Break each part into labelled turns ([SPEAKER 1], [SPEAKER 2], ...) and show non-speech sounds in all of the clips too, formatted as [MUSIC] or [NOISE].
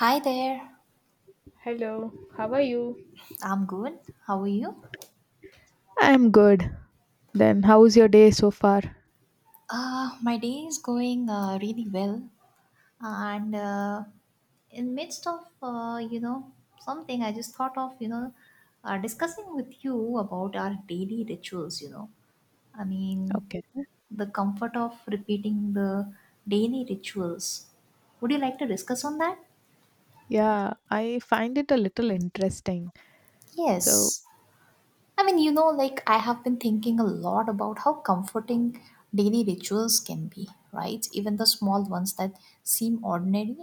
[SPEAKER 1] Hi there.
[SPEAKER 2] Hello, how are you?
[SPEAKER 1] I'm good. How are you?
[SPEAKER 2] I'm good. Then, how's your day so far?
[SPEAKER 1] My day is going really well, and in midst of something, I just thought of discussing with you about our daily rituals. I mean
[SPEAKER 2] Okay.
[SPEAKER 1] the comfort of repeating the daily rituals. Would you like to discuss on that?
[SPEAKER 2] Yeah, I find it a little interesting. So,
[SPEAKER 1] Yes. I mean, like I have been thinking a lot about how comforting daily rituals can be, right? Even the small ones that seem ordinary.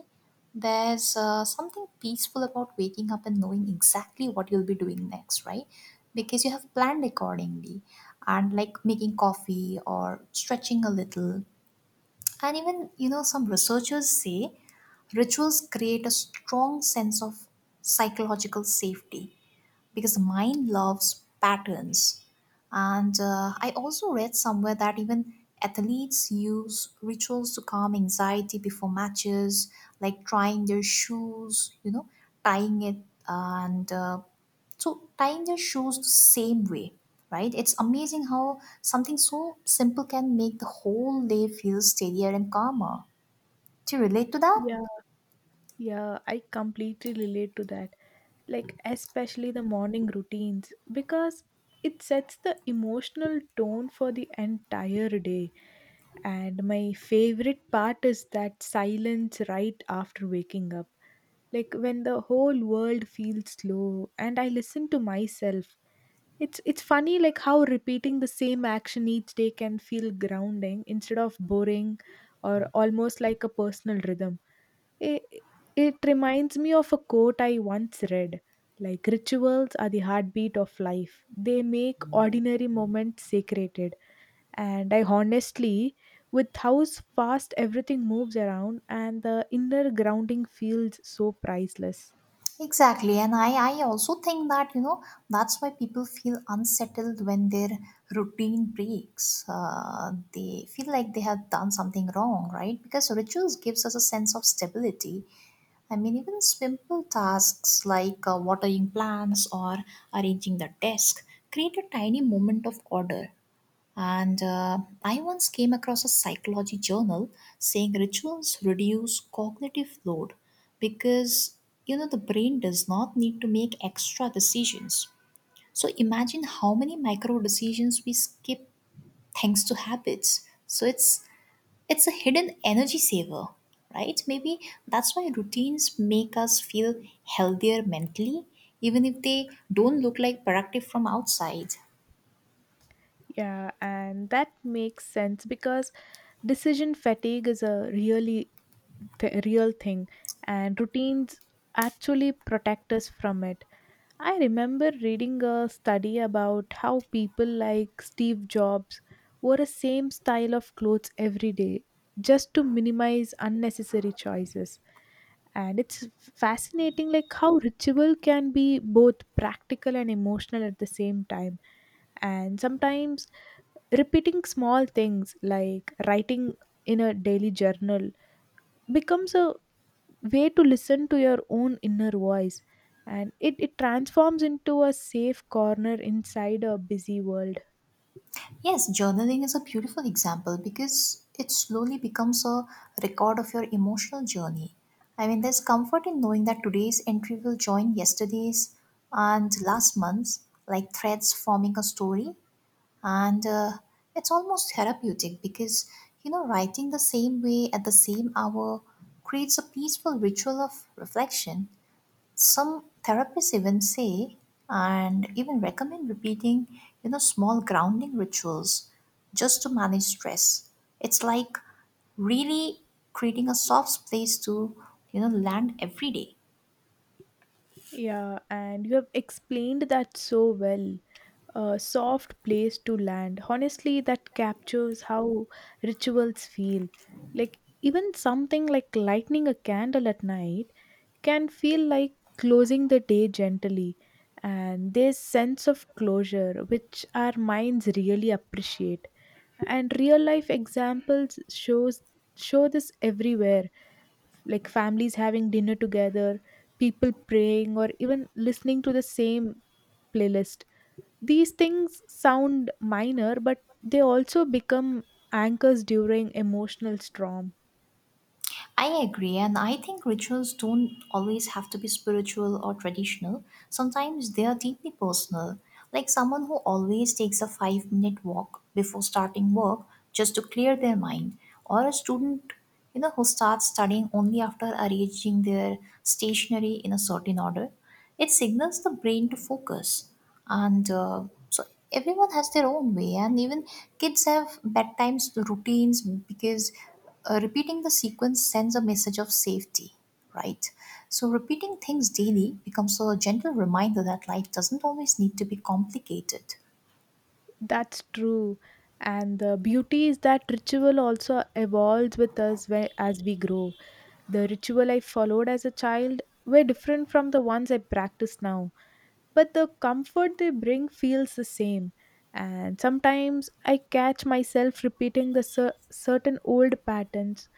[SPEAKER 1] There's something peaceful about waking up and knowing exactly what you'll be doing next, right? Because you have planned accordingly and like making coffee or stretching a little. And even, some researchers say rituals create a strong sense of psychological safety because the mind loves patterns. And I also read somewhere that even athletes use rituals to calm anxiety before matches, like trying their shoes, tying it, and so tying their shoes the same way, right? It's amazing how something so simple can make the whole day feel steadier and calmer. Do you relate to that?
[SPEAKER 2] yeah, yeah, I completely relate to that. Like, especially the morning routines, because it sets the emotional tone for the entire day. And my favorite part is that silence right after waking up. Like, when the whole world feels slow and I listen to myself. It's funny like how repeating the same action each day can feel grounding instead of boring or almost like a personal rhythm. It, it reminds me of a quote I once read, like rituals are the heartbeat of life. They make ordinary moments sacred. And I honestly, with how fast everything moves around, and the inner grounding feels so priceless.
[SPEAKER 1] Exactly. And I also think that, that's why people feel unsettled when their routine breaks. They feel like they have done something wrong, right? Because rituals gives us a sense of stability. I mean, even simple tasks like watering plants or arranging the desk create a tiny moment of order. And I once came across a psychology journal saying rituals reduce cognitive load because the brain does not need to make extra decisions. So imagine how many micro decisions we skip thanks to habits. So it's a hidden energy saver, right? Maybe that's why routines make us feel healthier mentally even if they don't look like productive from outside.
[SPEAKER 2] Yeah, and that makes sense because decision fatigue is a really real thing, and routines actually protect us from it. I remember reading a study about how people like Steve Jobs wore a same style of clothes every day just to minimize unnecessary choices. And it's fascinating like how ritual can be both practical and emotional at the same time. And sometimes repeating small things like writing in a daily journal becomes a way to listen to your own inner voice, and it transforms into a safe corner inside a busy world.
[SPEAKER 1] Yes, journaling is a beautiful example because it slowly becomes a record of your emotional journey. I mean, there's comfort in knowing that today's entry will join yesterday's and last month's, like threads forming a story. And it's almost therapeutic because, writing the same way at the same hour creates a peaceful ritual of reflection. Some therapists even say and even recommend repeating small grounding rituals just to manage stress. It's like really creating a soft place to land every day.
[SPEAKER 2] Yeah, and you have explained that so well. A soft place to land. Honestly, that captures how rituals feel. Like, even something like lighting a candle at night can feel like closing the day gently, and this sense of closure which our minds really appreciate. And real life examples shows show this everywhere, like families having dinner together, people praying, or even listening to the same playlist. These things sound minor, but they also become anchors during emotional storm.
[SPEAKER 1] I agree, and I think rituals don't always have to be spiritual or traditional. Sometimes they are deeply personal, like someone who always takes a 5-minute walk before starting work just to clear their mind, or a student who starts studying only after arranging their stationery in a certain order. It signals the brain to focus, and so everyone has their own way and even kids have bedtimes routines because repeating the sequence sends a message of safety, right? So repeating things daily becomes a gentle reminder that life doesn't always need to be complicated.
[SPEAKER 2] That's true. And the beauty is that ritual also evolves with us where, as we grow. The ritual I followed as a child were different from the ones I practice now, but the comfort they bring feels the same. And sometimes I catch myself repeating the certain old patterns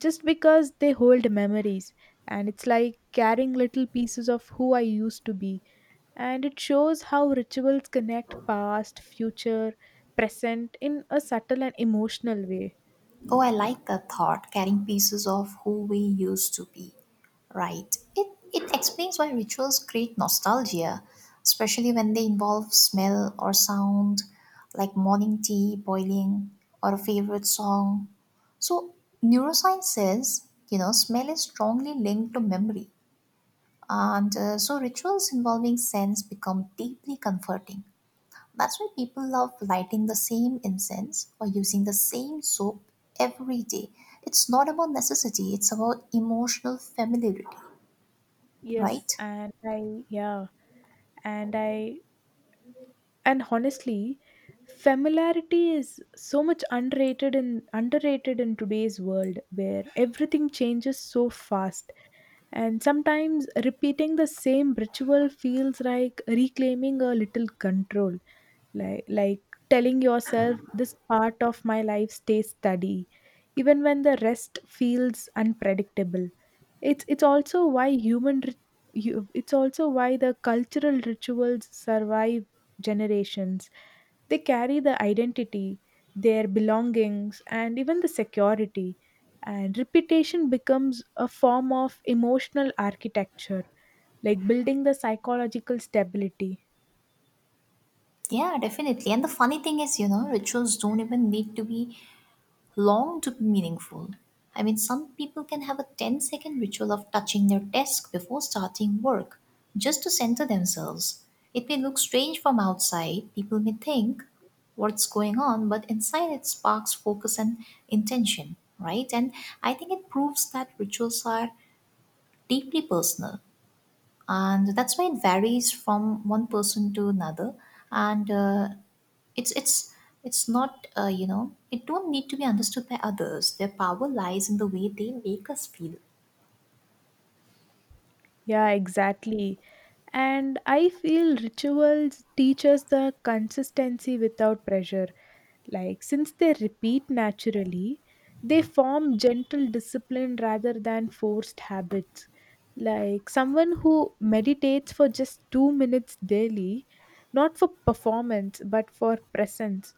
[SPEAKER 2] just because they hold memories. And it's like carrying little pieces of who I used to be, and it shows how rituals connect past, future, present in a subtle and emotional way.
[SPEAKER 1] Oh, I like that thought, carrying pieces of who we used to be. Right. It explains why rituals create nostalgia, especially when they involve smell or sound, like morning tea boiling or a favorite song. So, neuroscience says, smell is strongly linked to memory. And So, rituals involving sense become deeply comforting. That's why people love lighting the same incense or using the same soap every day. It's not about necessity, it's about emotional familiarity,
[SPEAKER 2] Yes,
[SPEAKER 1] right?
[SPEAKER 2] and I, yeah, and I, And honestly, familiarity is so much underrated in today's world where everything changes so fast. And sometimes repeating the same ritual feels like reclaiming a little control. Like telling yourself this part of my life stays steady even when the rest feels unpredictable. It's also why it's also why the cultural rituals survive generations. They carry the identity, their belongings, and even the security. And repetition becomes a form of emotional architecture, like building the psychological stability.
[SPEAKER 1] Yeah, definitely. And the funny thing is, rituals don't even need to be long to be meaningful. I mean, some people can have a ten-second ritual of touching their desk before starting work just to center themselves. It may look strange from outside, people may think what's going on, but inside it sparks focus and intention, right? And I think it proves that rituals are deeply personal and that's why it varies from one person to another and it's it's it's not, it don't need to be understood by others. Their power lies in the way they make us feel.
[SPEAKER 2] Yeah, exactly. And I feel rituals teach us the consistency without pressure. Like, since they repeat naturally, they form gentle discipline rather than forced habits. Like, someone who meditates for just 2 minutes daily, not for performance, but for presence.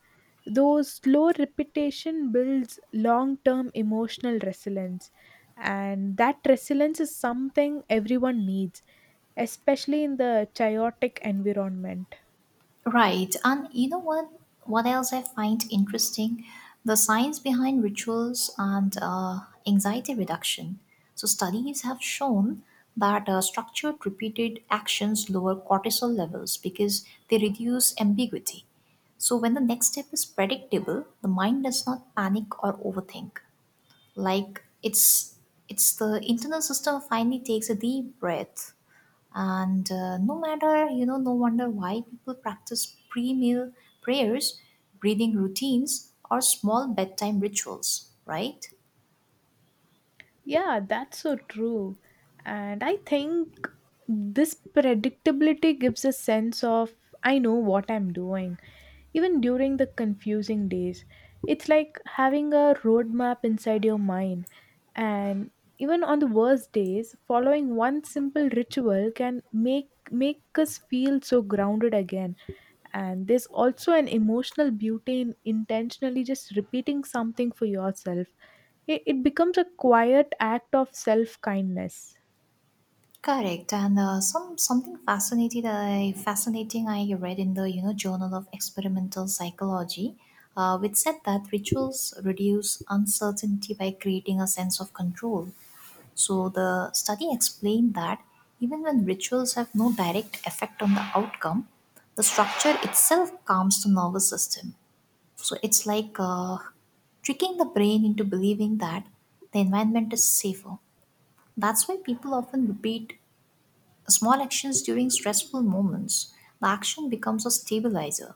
[SPEAKER 2] Those slow repetition builds long term emotional resilience. And that resilience is something everyone needs, especially in the chaotic environment.
[SPEAKER 1] Right. And you know what? What else I find interesting? The science behind rituals and anxiety reduction. So, studies have shown that structured, repeated actions lower cortisol levels because they reduce ambiguity. So, when the next step is predictable, the mind does not panic or overthink. Like it's the internal system finally takes a deep breath. And no matter you know No wonder why people practice pre-meal prayers, breathing routines, or small bedtime rituals, right?
[SPEAKER 2] Yeah, that's so true. And I think this predictability gives a sense of I know what I'm doing, even during the confusing days. It's like having a roadmap inside your mind. And even on the worst days, following one simple ritual can make us feel so grounded again. And there's also an emotional beauty in intentionally just repeating something for yourself. It becomes a quiet act of self kindness.
[SPEAKER 1] Correct. And something fascinating, I read in the journal of experimental psychology, which said that rituals reduce uncertainty by creating a sense of control. So the study explained that even when rituals have no direct effect on the outcome, the structure itself calms the nervous system. So it's like tricking the brain into believing that the environment is safer. That's why people often repeat small actions during stressful moments. The action becomes a stabilizer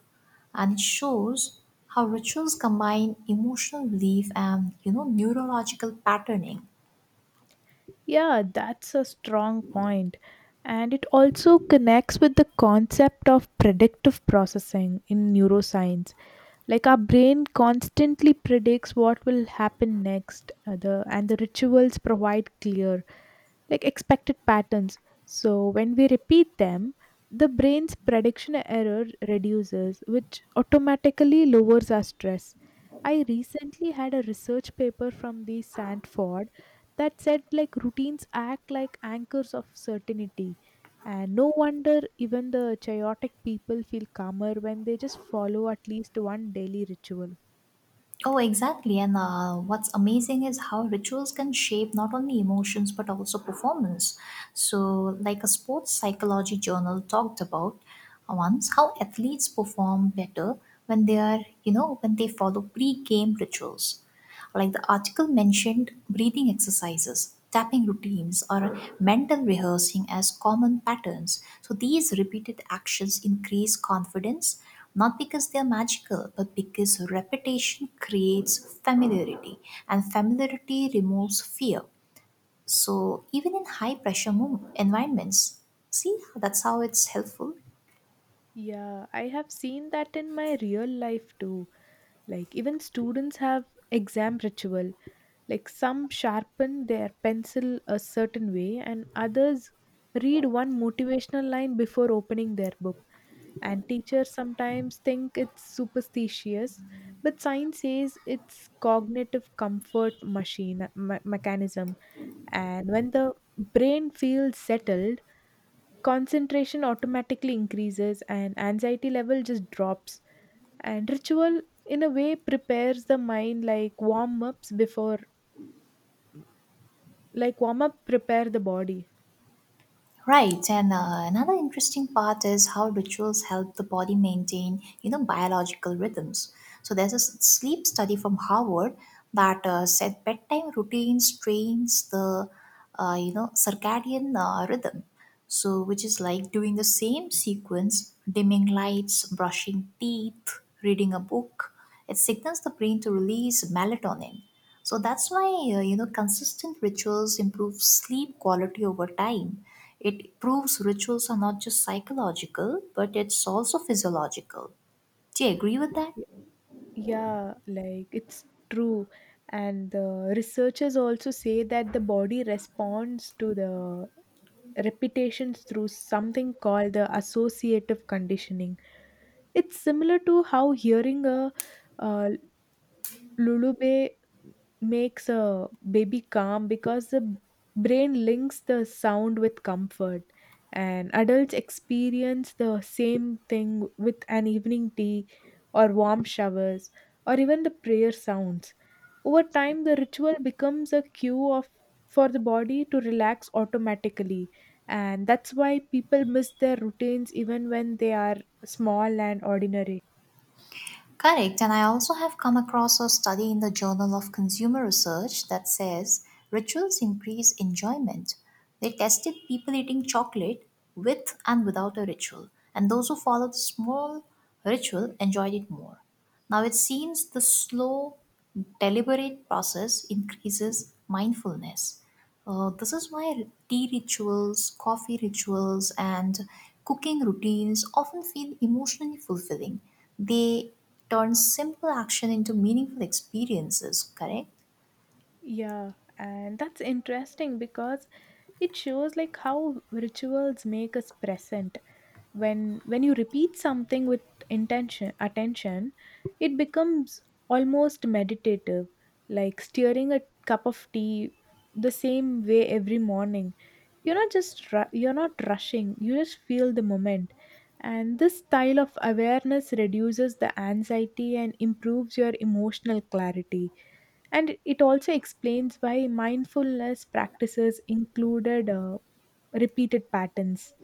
[SPEAKER 1] and it shows how rituals combine emotional belief and neurological patterning.
[SPEAKER 2] Yeah, that's a strong point. And it also connects with the concept of predictive processing in neuroscience, like our brain constantly predicts what will happen next. Uh, the and the rituals provide clear like expected patterns. So when we repeat them, the brain's prediction error reduces, which automatically lowers our stress. I recently had a research paper from the Sandford that said like routines act like anchors of certainty, and no wonder even the chaotic people feel calmer when they just follow at least one daily ritual.
[SPEAKER 1] Oh, exactly. And what's amazing is how rituals can shape not only emotions but also performance. So, like a sports psychology journal talked about once, how athletes perform better when they are, you know, when they follow pre game rituals. Like the article mentioned, breathing exercises, tapping routines, or mental rehearsing as common patterns. So these repeated actions increase confidence, not because they are magical, but because repetition creates familiarity, and familiarity removes fear. So even in high pressure environments, see that's how it's helpful.
[SPEAKER 2] Yeah, I have seen that in my real life too. Like even students have exam ritual, like some sharpen their pencil a certain way and others read one motivational line before opening their book. And teachers sometimes think it's superstitious, but science says it's cognitive comfort machine mechanism. And when the brain feels settled, concentration automatically increases and anxiety level just drops. And ritual in a way prepares the mind like warm ups before, like warm up prepare the body.
[SPEAKER 1] Right, and another interesting part is how rituals help the body maintain, biological rhythms. So there's a sleep study from Harvard that said bedtime routine strains the, circadian rhythm. So which is like doing the same sequence, dimming lights, brushing teeth, reading a book. It signals the brain to release melatonin. So that's why consistent rituals improve sleep quality over time. It proves rituals are not just psychological, but it's also physiological. Do you agree with that?
[SPEAKER 2] Y- yeah, like it's true. And the researchers also say that the body responds to the repetitions through something called the associative conditioning. It's similar to how hearing a uh, Lulube makes a baby calm because the brain links the sound with comfort. And adults experience the same thing with an evening tea or warm showers or even the prayer sounds. Over time, the ritual becomes a cue of for the body to relax automatically. And that's why people miss their routines even when they are small and ordinary.
[SPEAKER 1] Correct. And I also have come across a study in the Journal of Consumer Research that says rituals increase enjoyment. They tested people eating chocolate with and without a ritual, and those who followed the small ritual enjoyed it more. Now it seems the slow, deliberate process increases mindfulness. This is why tea rituals, coffee rituals, and cooking routines often feel emotionally fulfilling. They turn simple action into meaningful experiences, correct?
[SPEAKER 2] Yeah, and that's interesting because it shows like how rituals make us present. When you repeat something with intention attention, it becomes almost meditative, like stirring a cup of tea the same way every morning. You're not rushing. You just feel the moment. And this style of awareness reduces the anxiety and improves your emotional clarity. And it also explains why mindfulness practices included repeated patterns.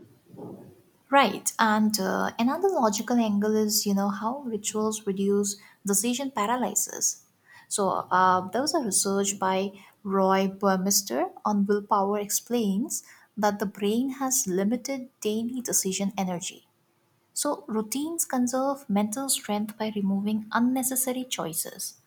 [SPEAKER 1] Right. And another logical angle is, how rituals reduce decision paralysis. So there was a research by Roy Burmester on willpower explains that the brain has limited daily decision energy. So, routines conserve mental strength by removing unnecessary choices.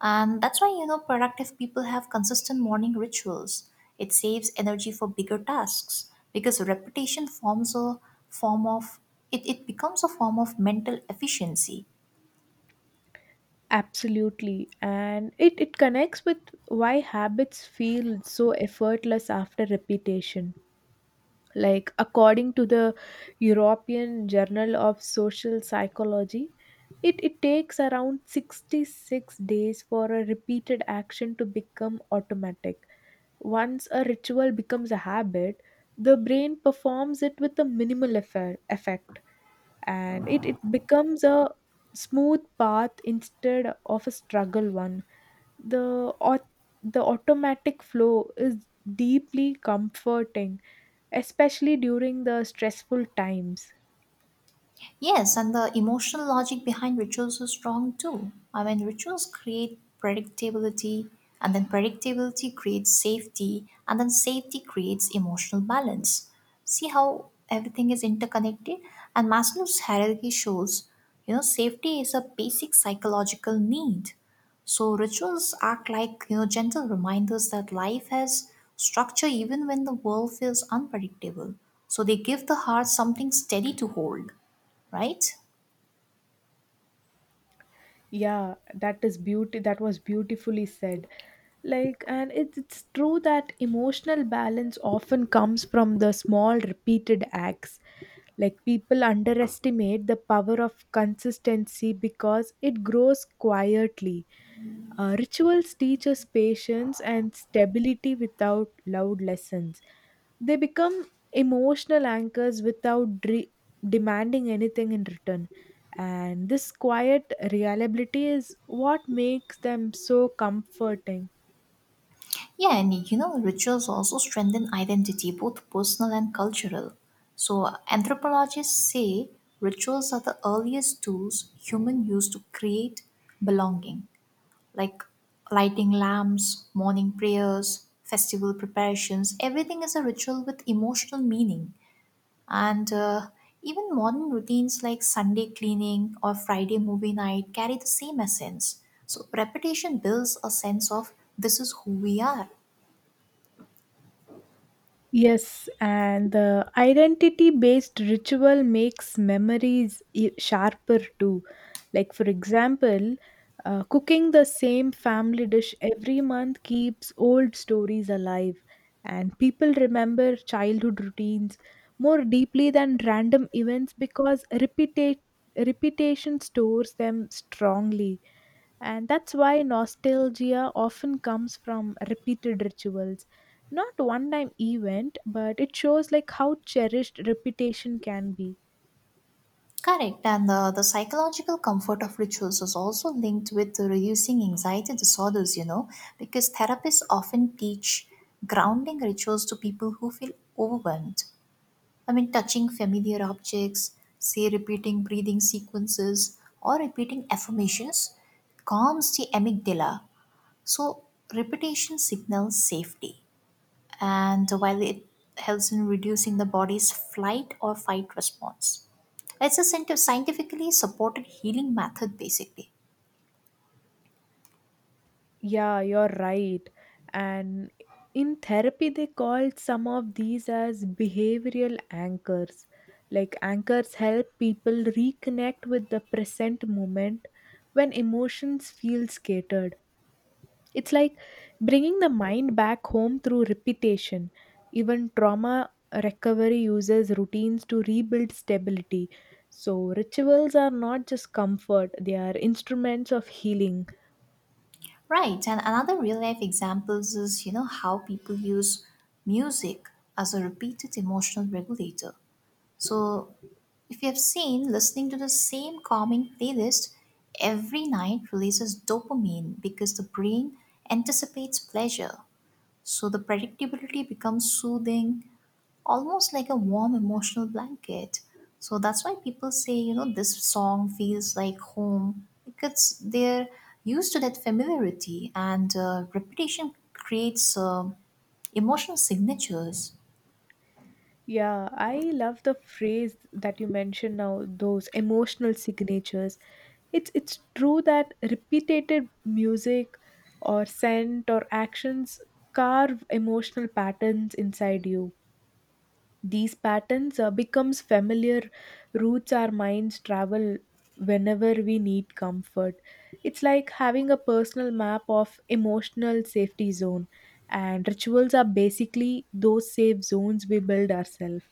[SPEAKER 1] And that's why, productive people have consistent morning rituals. It saves energy for bigger tasks because repetition forms a form of, it becomes a form of mental efficiency.
[SPEAKER 2] Absolutely. And it connects with why habits feel so effortless after repetition. Like, according to the European Journal of Social Psychology, it takes around 66 days for a repeated action to become automatic. Once a ritual becomes a habit, the brain performs it with a minimal effort, and it becomes a smooth path instead of a struggle one. the au- the automatic flow is deeply comforting, especially during the stressful times.
[SPEAKER 1] Yes, and the emotional logic behind rituals is strong too. I mean, rituals create predictability, and then predictability creates safety, and then safety creates emotional balance. See how everything is interconnected? And Maslow's hierarchy shows, safety is a basic psychological need. So rituals act like, gentle reminders that life has structure even when the world feels unpredictable. So they give the heart something steady to hold, right?
[SPEAKER 2] Yeah, that is beauty, that was beautifully said. Like, and it's true that emotional balance often comes from the small repeated acts. Like people underestimate the power of consistency because it grows quietly. Rituals teach us patience and stability without loud lessons. They become emotional anchors without demanding anything in return. And this quiet reliability is what makes them so comforting.
[SPEAKER 1] Yeah, and rituals also strengthen identity, both personal and cultural. So, anthropologists say rituals are the earliest tools human used to create belonging, like lighting lamps, morning prayers, festival preparations. Everything is a ritual with emotional meaning. And even modern routines like Sunday cleaning or Friday movie night carry the same essence. So repetition builds a sense of this is who we are.
[SPEAKER 2] Yes, and the identity based ritual makes memories sharper too. Like, for example, cooking the same family dish every month keeps old stories alive, and people remember childhood routines more deeply than random events because repetition stores them strongly. And that's why nostalgia often comes from repeated rituals, not one time event, but it shows like how cherished repetition can be.
[SPEAKER 1] Correct. And the psychological comfort of rituals is also linked with the reducing anxiety disorders, because therapists often teach grounding rituals to people who feel overwhelmed. I mean, touching familiar objects, say repeating breathing sequences or repeating affirmations calms the amygdala. So, repetition signals safety, and while it helps in reducing the body's flight or fight response. It's a scientifically supported healing method, basically.
[SPEAKER 2] Yeah, you're right. And in therapy they called some of these as behavioral anchors. Like anchors help people reconnect with the present moment when emotions feel scattered. It's like bringing the mind back home through repetition. Even trauma recovery uses routines to rebuild stability. So, rituals are not just comfort, they are instruments of healing.
[SPEAKER 1] Right, and another real life examples is how people use music as a repeated emotional regulator. So, if you have seen, listening to the same calming playlist every night releases dopamine because the brain anticipates pleasure. So, the predictability becomes soothing, almost like a warm emotional blanket. So, that's why people say, this song feels like home because they're used to that familiarity and repetition creates. Emotional signatures.
[SPEAKER 2] Yeah, I love the phrase that you mentioned now, those emotional signatures. It's true that repeated music or scent or actions carve emotional patterns inside you. These patterns becomes familiar routes our minds travel whenever we need comfort. It's like having a personal map of emotional safety zone, and rituals are basically those safe zones we build ourselves.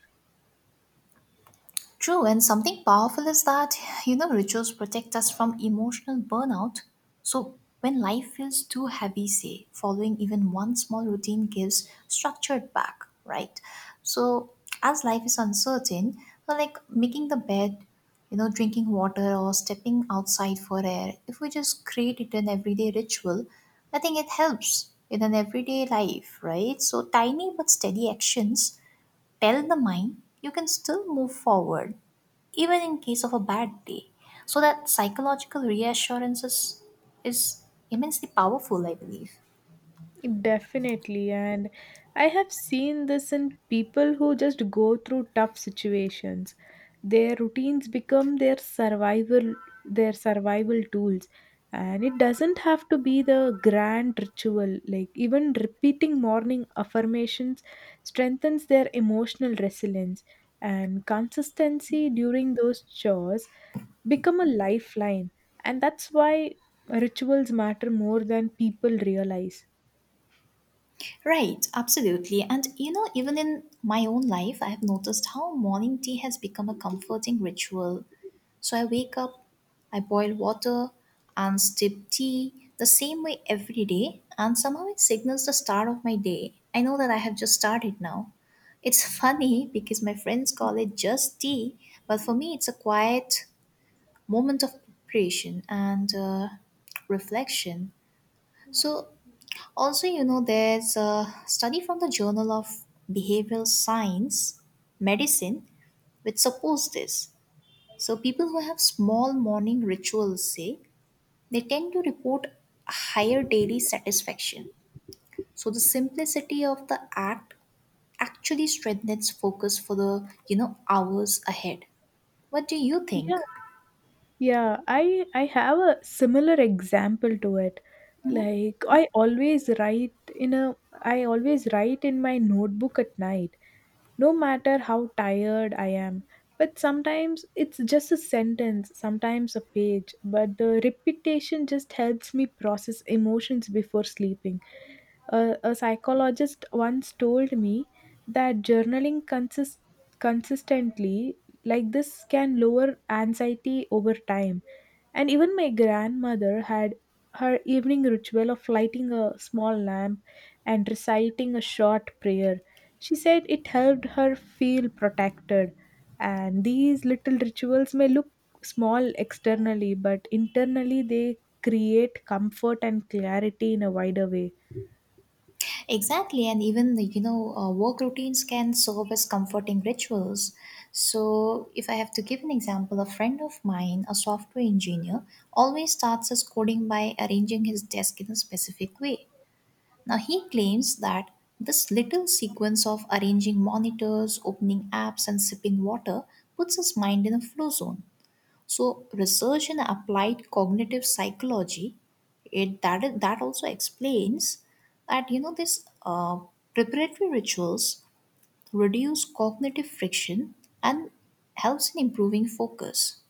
[SPEAKER 1] True, and something powerful is that, rituals protect us from emotional burnout. So when life feels too heavy, say, following even one small routine gives structured back, right? So as life is uncertain, so like making the bed, you know, drinking water or stepping outside for air, if we just create it an everyday ritual, I think it helps in an everyday life, right? So tiny but steady actions tell the mind you can still move forward even in case of a bad day, so that psychological reassurance is immensely powerful, I believe.
[SPEAKER 2] Definitely. And I have seen this in people who just go through tough situations. Their routines become their survival tools. And it doesn't have to be the grand ritual. Like even repeating morning affirmations strengthens their emotional resilience, and consistency during those chores become a lifeline. And that's why rituals matter more than people realize.
[SPEAKER 1] Right, absolutely. And you know, even in my own life, I have noticed how morning tea has become a comforting ritual. So I wake up, I boil water, and sip tea the same way every day, and somehow it signals the start of my day. I know that I have just started now. It's [LAUGHS] funny because my friends call it just tea, but for me, it's a quiet moment of preparation and reflection. So also, you know, there's a study from the Journal of Behavioral Science, Medicine, which supports this. So, people who have small morning rituals say they tend to report a higher daily satisfaction. So, the simplicity of the act actually strengthens focus for the, you know, hours ahead. What do you
[SPEAKER 2] Yeah,
[SPEAKER 1] think?
[SPEAKER 2] yeah. I have a similar example to it. Like I always write in a I always write in my notebook at night, no matter how tired I am. But sometimes it's just a sentence, sometimes a page, but the repetition just helps me process emotions before sleeping. A psychologist once told me that journaling consists consistently like this can lower anxiety over time. And even my grandmother had her evening ritual of lighting a small lamp and reciting a short prayer. She said it helped her feel protected, and these little rituals may look small externally but internally they create comfort and clarity in a wider way.
[SPEAKER 1] Exactly, and even you know, work routines can serve as comforting rituals. So, if I have to give an example, a friend of mine, a software engineer, always starts his coding by arranging his desk in a specific way. Now, he claims that this little sequence of arranging monitors, opening apps, and sipping water puts his mind in a flow zone. So research in applied cognitive psychology, it that that also explains that you know this preparatory rituals reduce cognitive friction and helps in improving focus.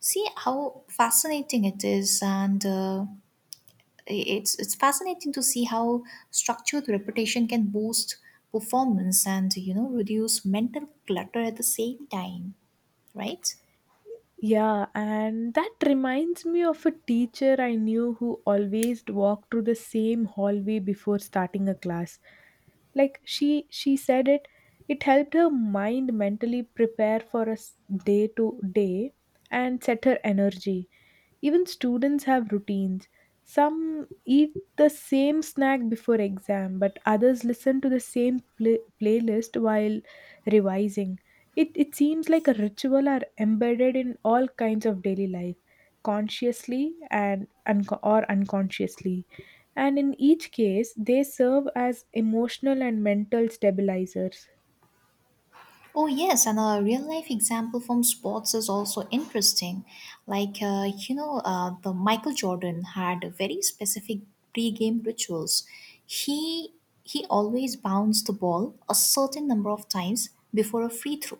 [SPEAKER 1] See how fascinating it is, and it's fascinating to see how structured repetition can boost performance and you know reduce mental clutter at the same time, right?
[SPEAKER 2] Yeah, and that reminds me of a teacher I knew who always walked through the same hallway before starting a class. Like she said it it helped her mind mentally prepare for a day to day and set her energy. Even students have routines. Some eat the same snack before exam, but others listen to the same playlist while revising. It seems like a ritual are embedded in all kinds of daily life, consciously and unco- or unconsciously. And in each case, they serve as emotional and mental stabilizers.
[SPEAKER 1] Oh, yes, and a real life example from sports is also interesting. Like, you know, the Michael Jordan had very specific pre-game rituals. He he always bounced the ball a certain number of times before a free throw,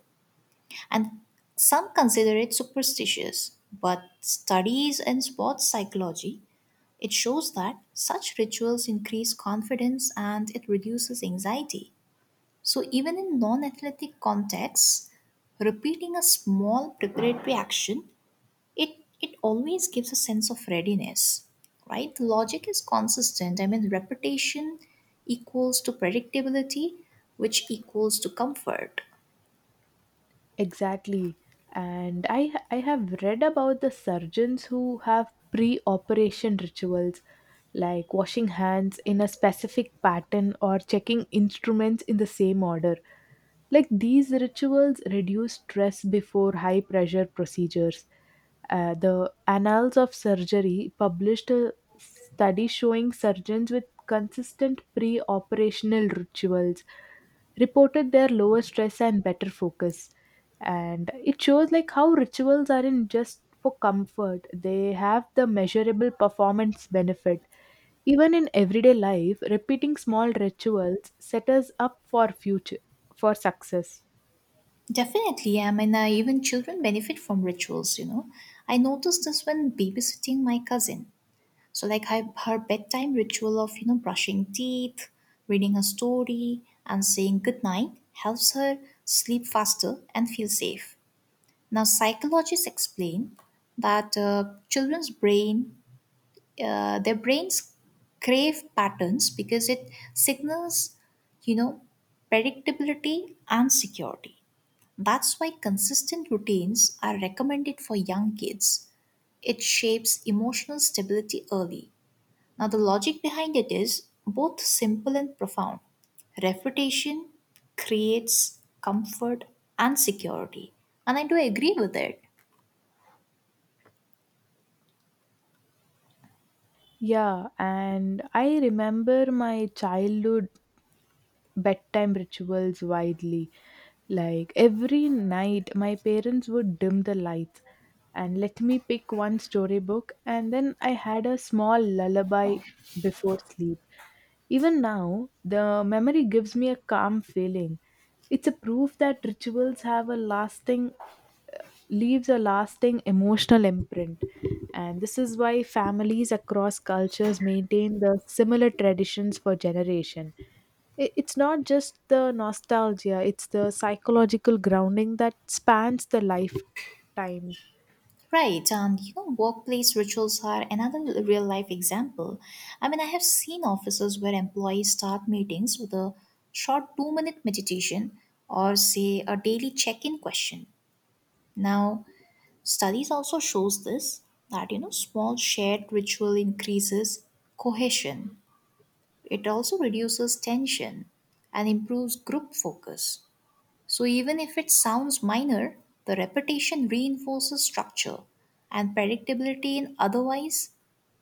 [SPEAKER 1] and some consider it superstitious. But studies in sports psychology it shows that such rituals increase confidence and it reduces anxiety. So, even in non athletic contexts, repeating a small preparatory action, it, it always gives a sense of readiness, right? The logic is consistent. I mean, repetition equals to predictability, which equals to comfort.
[SPEAKER 2] Exactly. And I have read about the surgeons who have pre-operation rituals like washing hands in a specific pattern or checking instruments in the same order. Like these rituals reduce stress before high pressure procedures. The Annals of Surgery published a study showing surgeons with consistent pre operational rituals reported their lower stress and better focus, and it shows like how rituals aren't just for comfort, they have the measurable performance benefit. Even in everyday life, repeating small rituals set us up for future, for success.
[SPEAKER 1] Definitely, I mean, even children benefit from rituals, you know. I noticed this when babysitting my cousin. So like I, her bedtime ritual of you know brushing teeth, reading a story, and saying goodnight helps her sleep faster and feel safe. Now psychologists explain that children's brains crave patterns because it signals, you know, predictability and security. That's why consistent routines are recommended for young kids. It shapes emotional stability early. Now, the logic behind it is both simple and profound. Reputation creates comfort and security. And I do agree with it.
[SPEAKER 2] Yeah, and I remember my childhood bedtime rituals widely. Like every night my parents would dim the lights and let me pick one storybook, and then I had a small lullaby before sleep. Even now, the memory gives me a calm feeling. It's a proof that rituals have a lasting, leaves a lasting emotional imprint. And this is why families across cultures maintain the similar traditions for generation. I- It's not just the nostalgia, it's the psychological grounding that spans the lifetime.
[SPEAKER 1] Right, and you know, workplace rituals are another real life example. I mean, I have seen offices where employees start meetings with a short 2 minute meditation or, say, a daily check in question. Now, studies also shows this that you know small shared ritual increases cohesion. It also reduces tension and improves group focus. So, even if it sounds minor, the repetition reinforces structure and predictability in otherwise,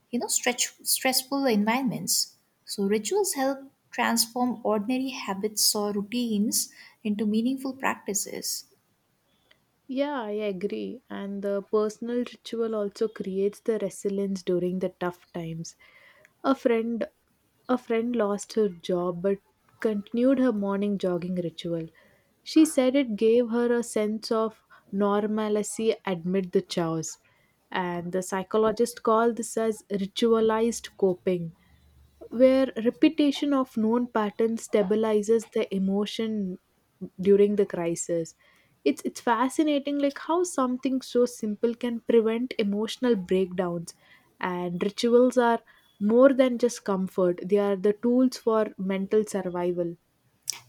[SPEAKER 1] you know, stressful environments. So, rituals help transform ordinary habits or routines into meaningful practices.
[SPEAKER 2] Yeah, I agree. And the personal ritual also creates the resilience during the tough times. A friend a friend lost her job but continued her morning jogging ritual. She said it gave her a sense of normalcy amid the chaos. And the psychologist called this as ritualized coping, where repetition of known patterns stabilizes the emotion during the crisis. It's fascinating like how something so simple can prevent emotional breakdowns, and rituals are more than just comfort, they are the tools for mental survival.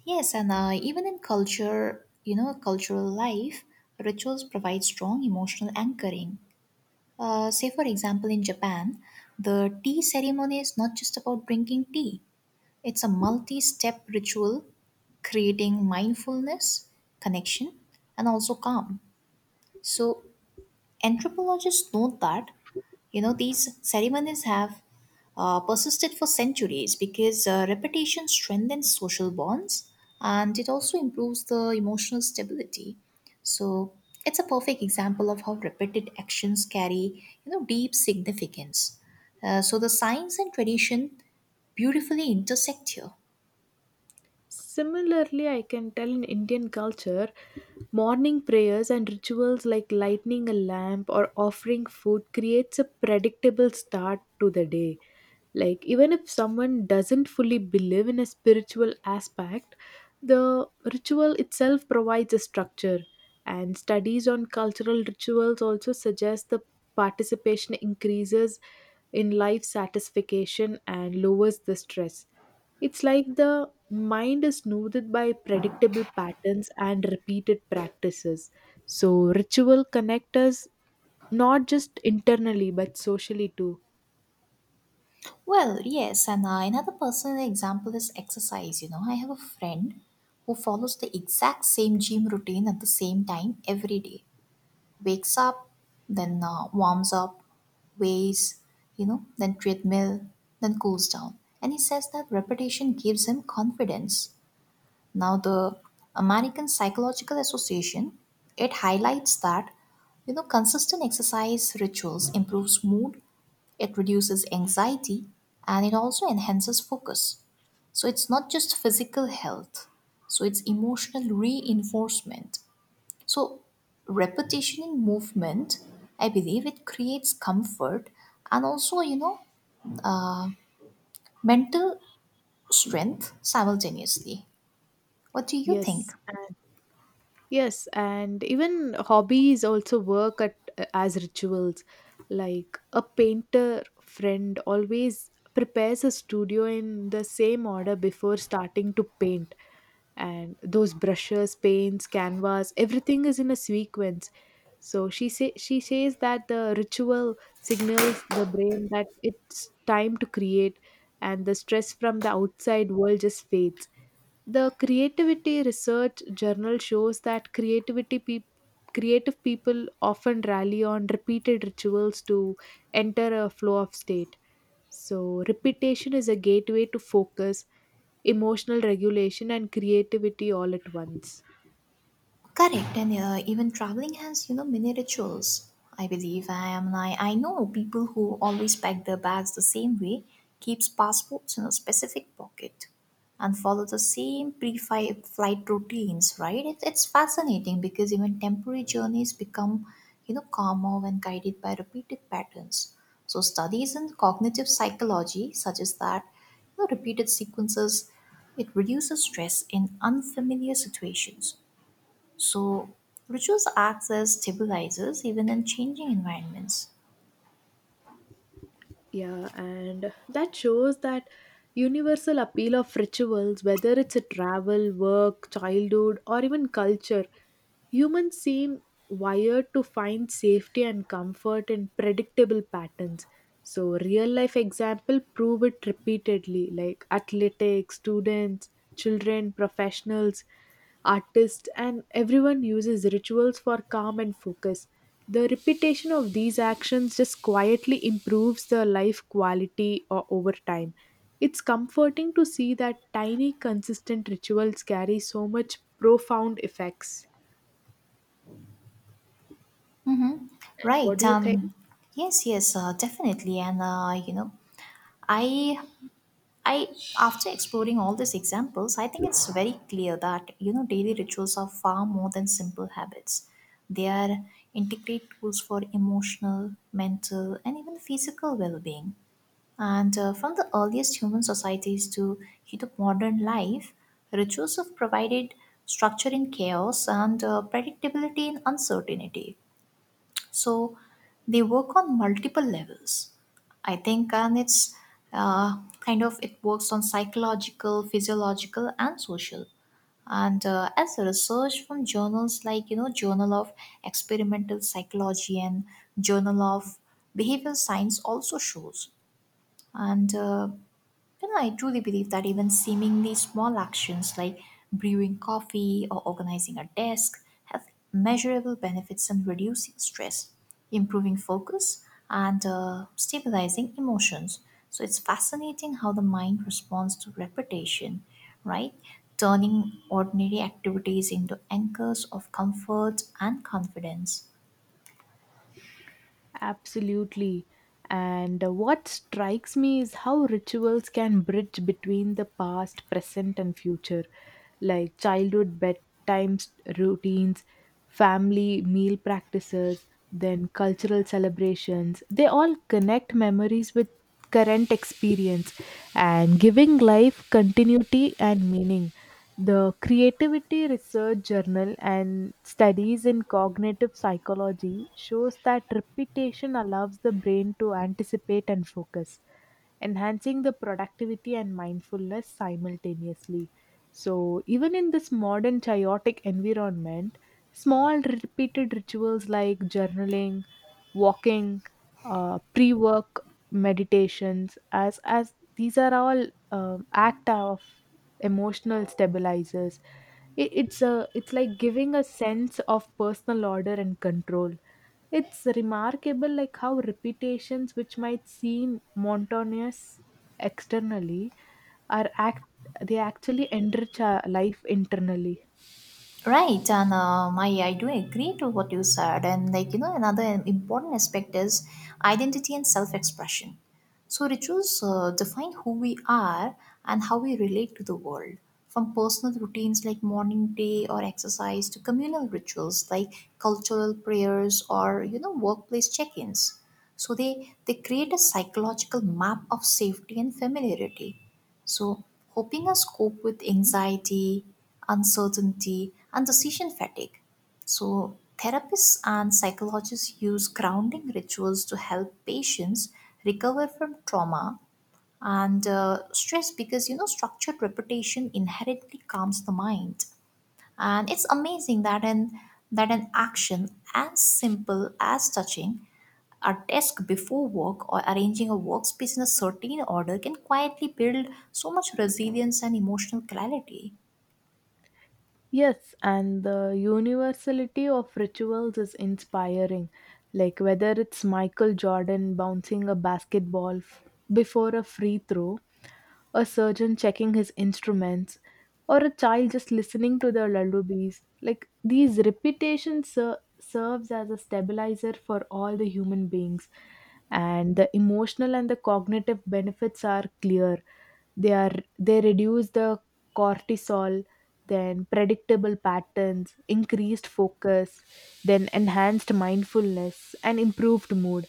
[SPEAKER 1] Yes, and even in culture, you know, cultural life, rituals provide strong emotional anchoring. Say, for example, in Japan, the tea ceremony is not just about drinking tea, it's a multi step ritual creating mindfulness, connection, and also calm. So, anthropologists note that you know these ceremonies have persisted for centuries because repetition strengthens social bonds and it also improves the emotional stability. So it's a perfect example of how repeated actions carry you know deep significance. So the science and tradition beautifully intersect here.
[SPEAKER 2] Similarly, I can tell in Indian culture, morning prayers and rituals like lighting a lamp or offering food creates a predictable start to the day. Like even if someone doesn't fully believe in a spiritual aspect, the ritual itself provides a structure. And studies on cultural rituals also suggest the participation increases in life satisfaction and lowers the stress. It's like the mind is smoothed by predictable patterns and repeated practices. So, ritual connect us not just internally but socially too.
[SPEAKER 1] Well, yes, and another personal example is exercise. You know, I have a friend who follows the exact same gym routine at the same time every day. Wakes up, then warms up, weighs, you know, then treadmill, then cools down. And he says that repetition gives him confidence. Now, the American Psychological Association it highlights that you know consistent exercise rituals improves mood, it reduces anxiety, and it also enhances focus. So it's not just physical health, so it's emotional reinforcement. So repetition in movement, I believe it creates comfort and also you know mental strength simultaneously. What do you think?
[SPEAKER 2] Yes, and yes, and even hobbies also work at as rituals. Like a painter friend always prepares a studio in the same order before starting to paint, and those brushes, paints, canvas, everything is in a sequence. So she says that the ritual signals the brain that it's time to create, and the stress from the outside world just fades. The Creativity Research Journal shows that creativity peop creative people often rally on repeated rituals to enter a flow of state. So repetition is a gateway to focus, emotional regulation and creativity all at once.
[SPEAKER 1] Correct, and even traveling has you know many rituals. I believe I am. I know people who always pack their bags the same way, keeps passports in a specific pocket, and follow the same pre-flight routines. Right? It, it's fascinating because even temporary journeys become you know calmer when guided by repeated patterns. So studies in cognitive psychology suggest that you know, repeated sequences it reduces stress in unfamiliar situations, so rituals acts as stabilizers even in changing environments.
[SPEAKER 2] Yeah, and that shows that universal appeal of rituals, whether it's a travel, work, childhood, or even culture, humans seem wired to find safety and comfort in predictable patterns. So, real life example prove it repeatedly, like athletics, students, children, professionals, artists, and everyone uses rituals for calm and focus. The repetition of these actions just quietly improves the life quality o- over time. It's comforting to see that tiny, consistent rituals carry so much profound effects. And what
[SPEAKER 1] Right.
[SPEAKER 2] do you think?
[SPEAKER 1] Yes, yes, definitely. And, you know, I I after exploring all these examples, I think it's very clear that you know daily rituals are far more than simple habits. They are integrate tools for emotional, mental, and even physical well-being. And from the earliest human societies to the modern life, rituals have provided structure in chaos and predictability in uncertainty. So they work on multiple levels, I think, and it's kind of it works on psychological, physiological, and social. And as research from journals like you know Journal of Experimental Psychology and Journal of Behavioral Science also shows and you know, I truly believe that even seemingly small actions like brewing coffee or organizing a desk have measurable benefits in reducing stress, improving focus, and stabilizing emotions. So it's fascinating how the mind responds to repetition, right? Turning ordinary activities into anchors of comfort and confidence.
[SPEAKER 2] Absolutely. And what strikes me is how rituals can bridge between the past, present, and future, like childhood routines, family meal practices, then cultural celebrations. They all connect memories with current experience and giving life continuity and meaning. The Creativity Research Journal and Studies in Cognitive Psychology shows that repetition allows the brain to anticipate and focus, enhancing the productivity and mindfulness simultaneously. So, even in this modern chaotic environment, small repeated rituals like journaling, walking, pre-work meditations, as these are all act of emotional stabilizers. It, it's a it's like giving a sense of personal order and control. It's remarkable, like how repetitions, which might seem monotonous externally, are act they actually enrich our life internally.
[SPEAKER 1] Right, and I do agree to what you said. And, like, you know, another important aspect is identity and self expression. So, rituals define who we are and how we relate to the world, from personal routines like morning day or exercise to communal rituals like cultural prayers or, you know, workplace check ins. So, they create a psychological map of safety and familiarity. So, helping us cope with anxiety, uncertainty, and decision fatigue. So, therapists and psychologists use grounding rituals to help patients recover from trauma and stress because you know structured repetition inherently calms the mind. And it's amazing that an action as simple as touching a desk before work or arranging a workspace in a certain order can quietly build so much resilience and emotional clarity.
[SPEAKER 2] Yes, and the universality of rituals is inspiring. Like whether it's Michael Jordan bouncing a before a free throw, a surgeon checking his instruments, or a child just listening to the lullabies. Like these serves as a stabilizer for all the human beings, and the emotional and the cognitive benefits are clear. They are, they reduce the cortisol, then predictable patterns increased focus, then enhanced mindfulness and improved mood.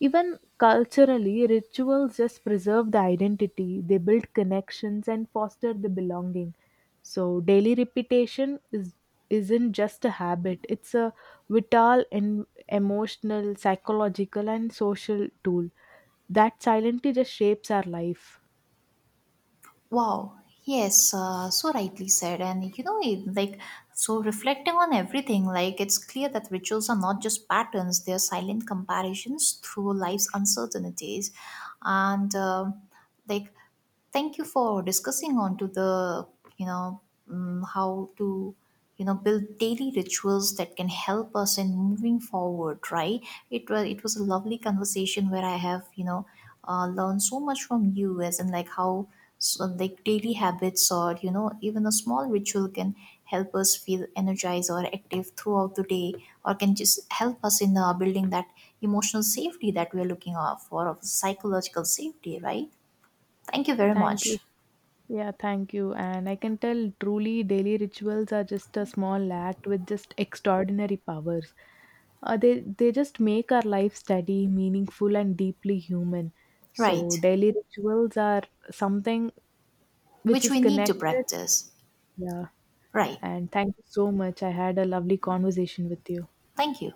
[SPEAKER 2] Even culturally, rituals just preserve the identity, they build connections and foster the belonging. So daily repetition is isn't just a habit, it's a vital and emotional, psychological and social tool that silently just shapes our life.
[SPEAKER 1] Wow, yes, so rightly said. And you know, it- like, so reflecting on everything, like, it's clear that rituals are not just patterns, they're silent comparisons through life's uncertainties. And, like, thank you for discussing on to the, you know, how to you know build daily rituals that can help us in moving forward, right? It was a lovely conversation where I have you know learned so much from you as in like how so like daily habits or you know even a small ritual can help us feel energized or active throughout the day or can just help us in building that emotional safety that we're looking out for, of psychological safety, right? Thank you very
[SPEAKER 2] Thank you.
[SPEAKER 1] much.
[SPEAKER 2] Yeah, thank you. And I can tell truly daily rituals are just a small act with just extraordinary powers. They just make our life steady, meaningful, and deeply human. So,
[SPEAKER 1] Right,
[SPEAKER 2] daily rituals are something which
[SPEAKER 1] which
[SPEAKER 2] is
[SPEAKER 1] we need to
[SPEAKER 2] connected.
[SPEAKER 1] practice.
[SPEAKER 2] Yeah.
[SPEAKER 1] Right.
[SPEAKER 2] And thank you so much. I had a lovely conversation with you.
[SPEAKER 1] Thank you.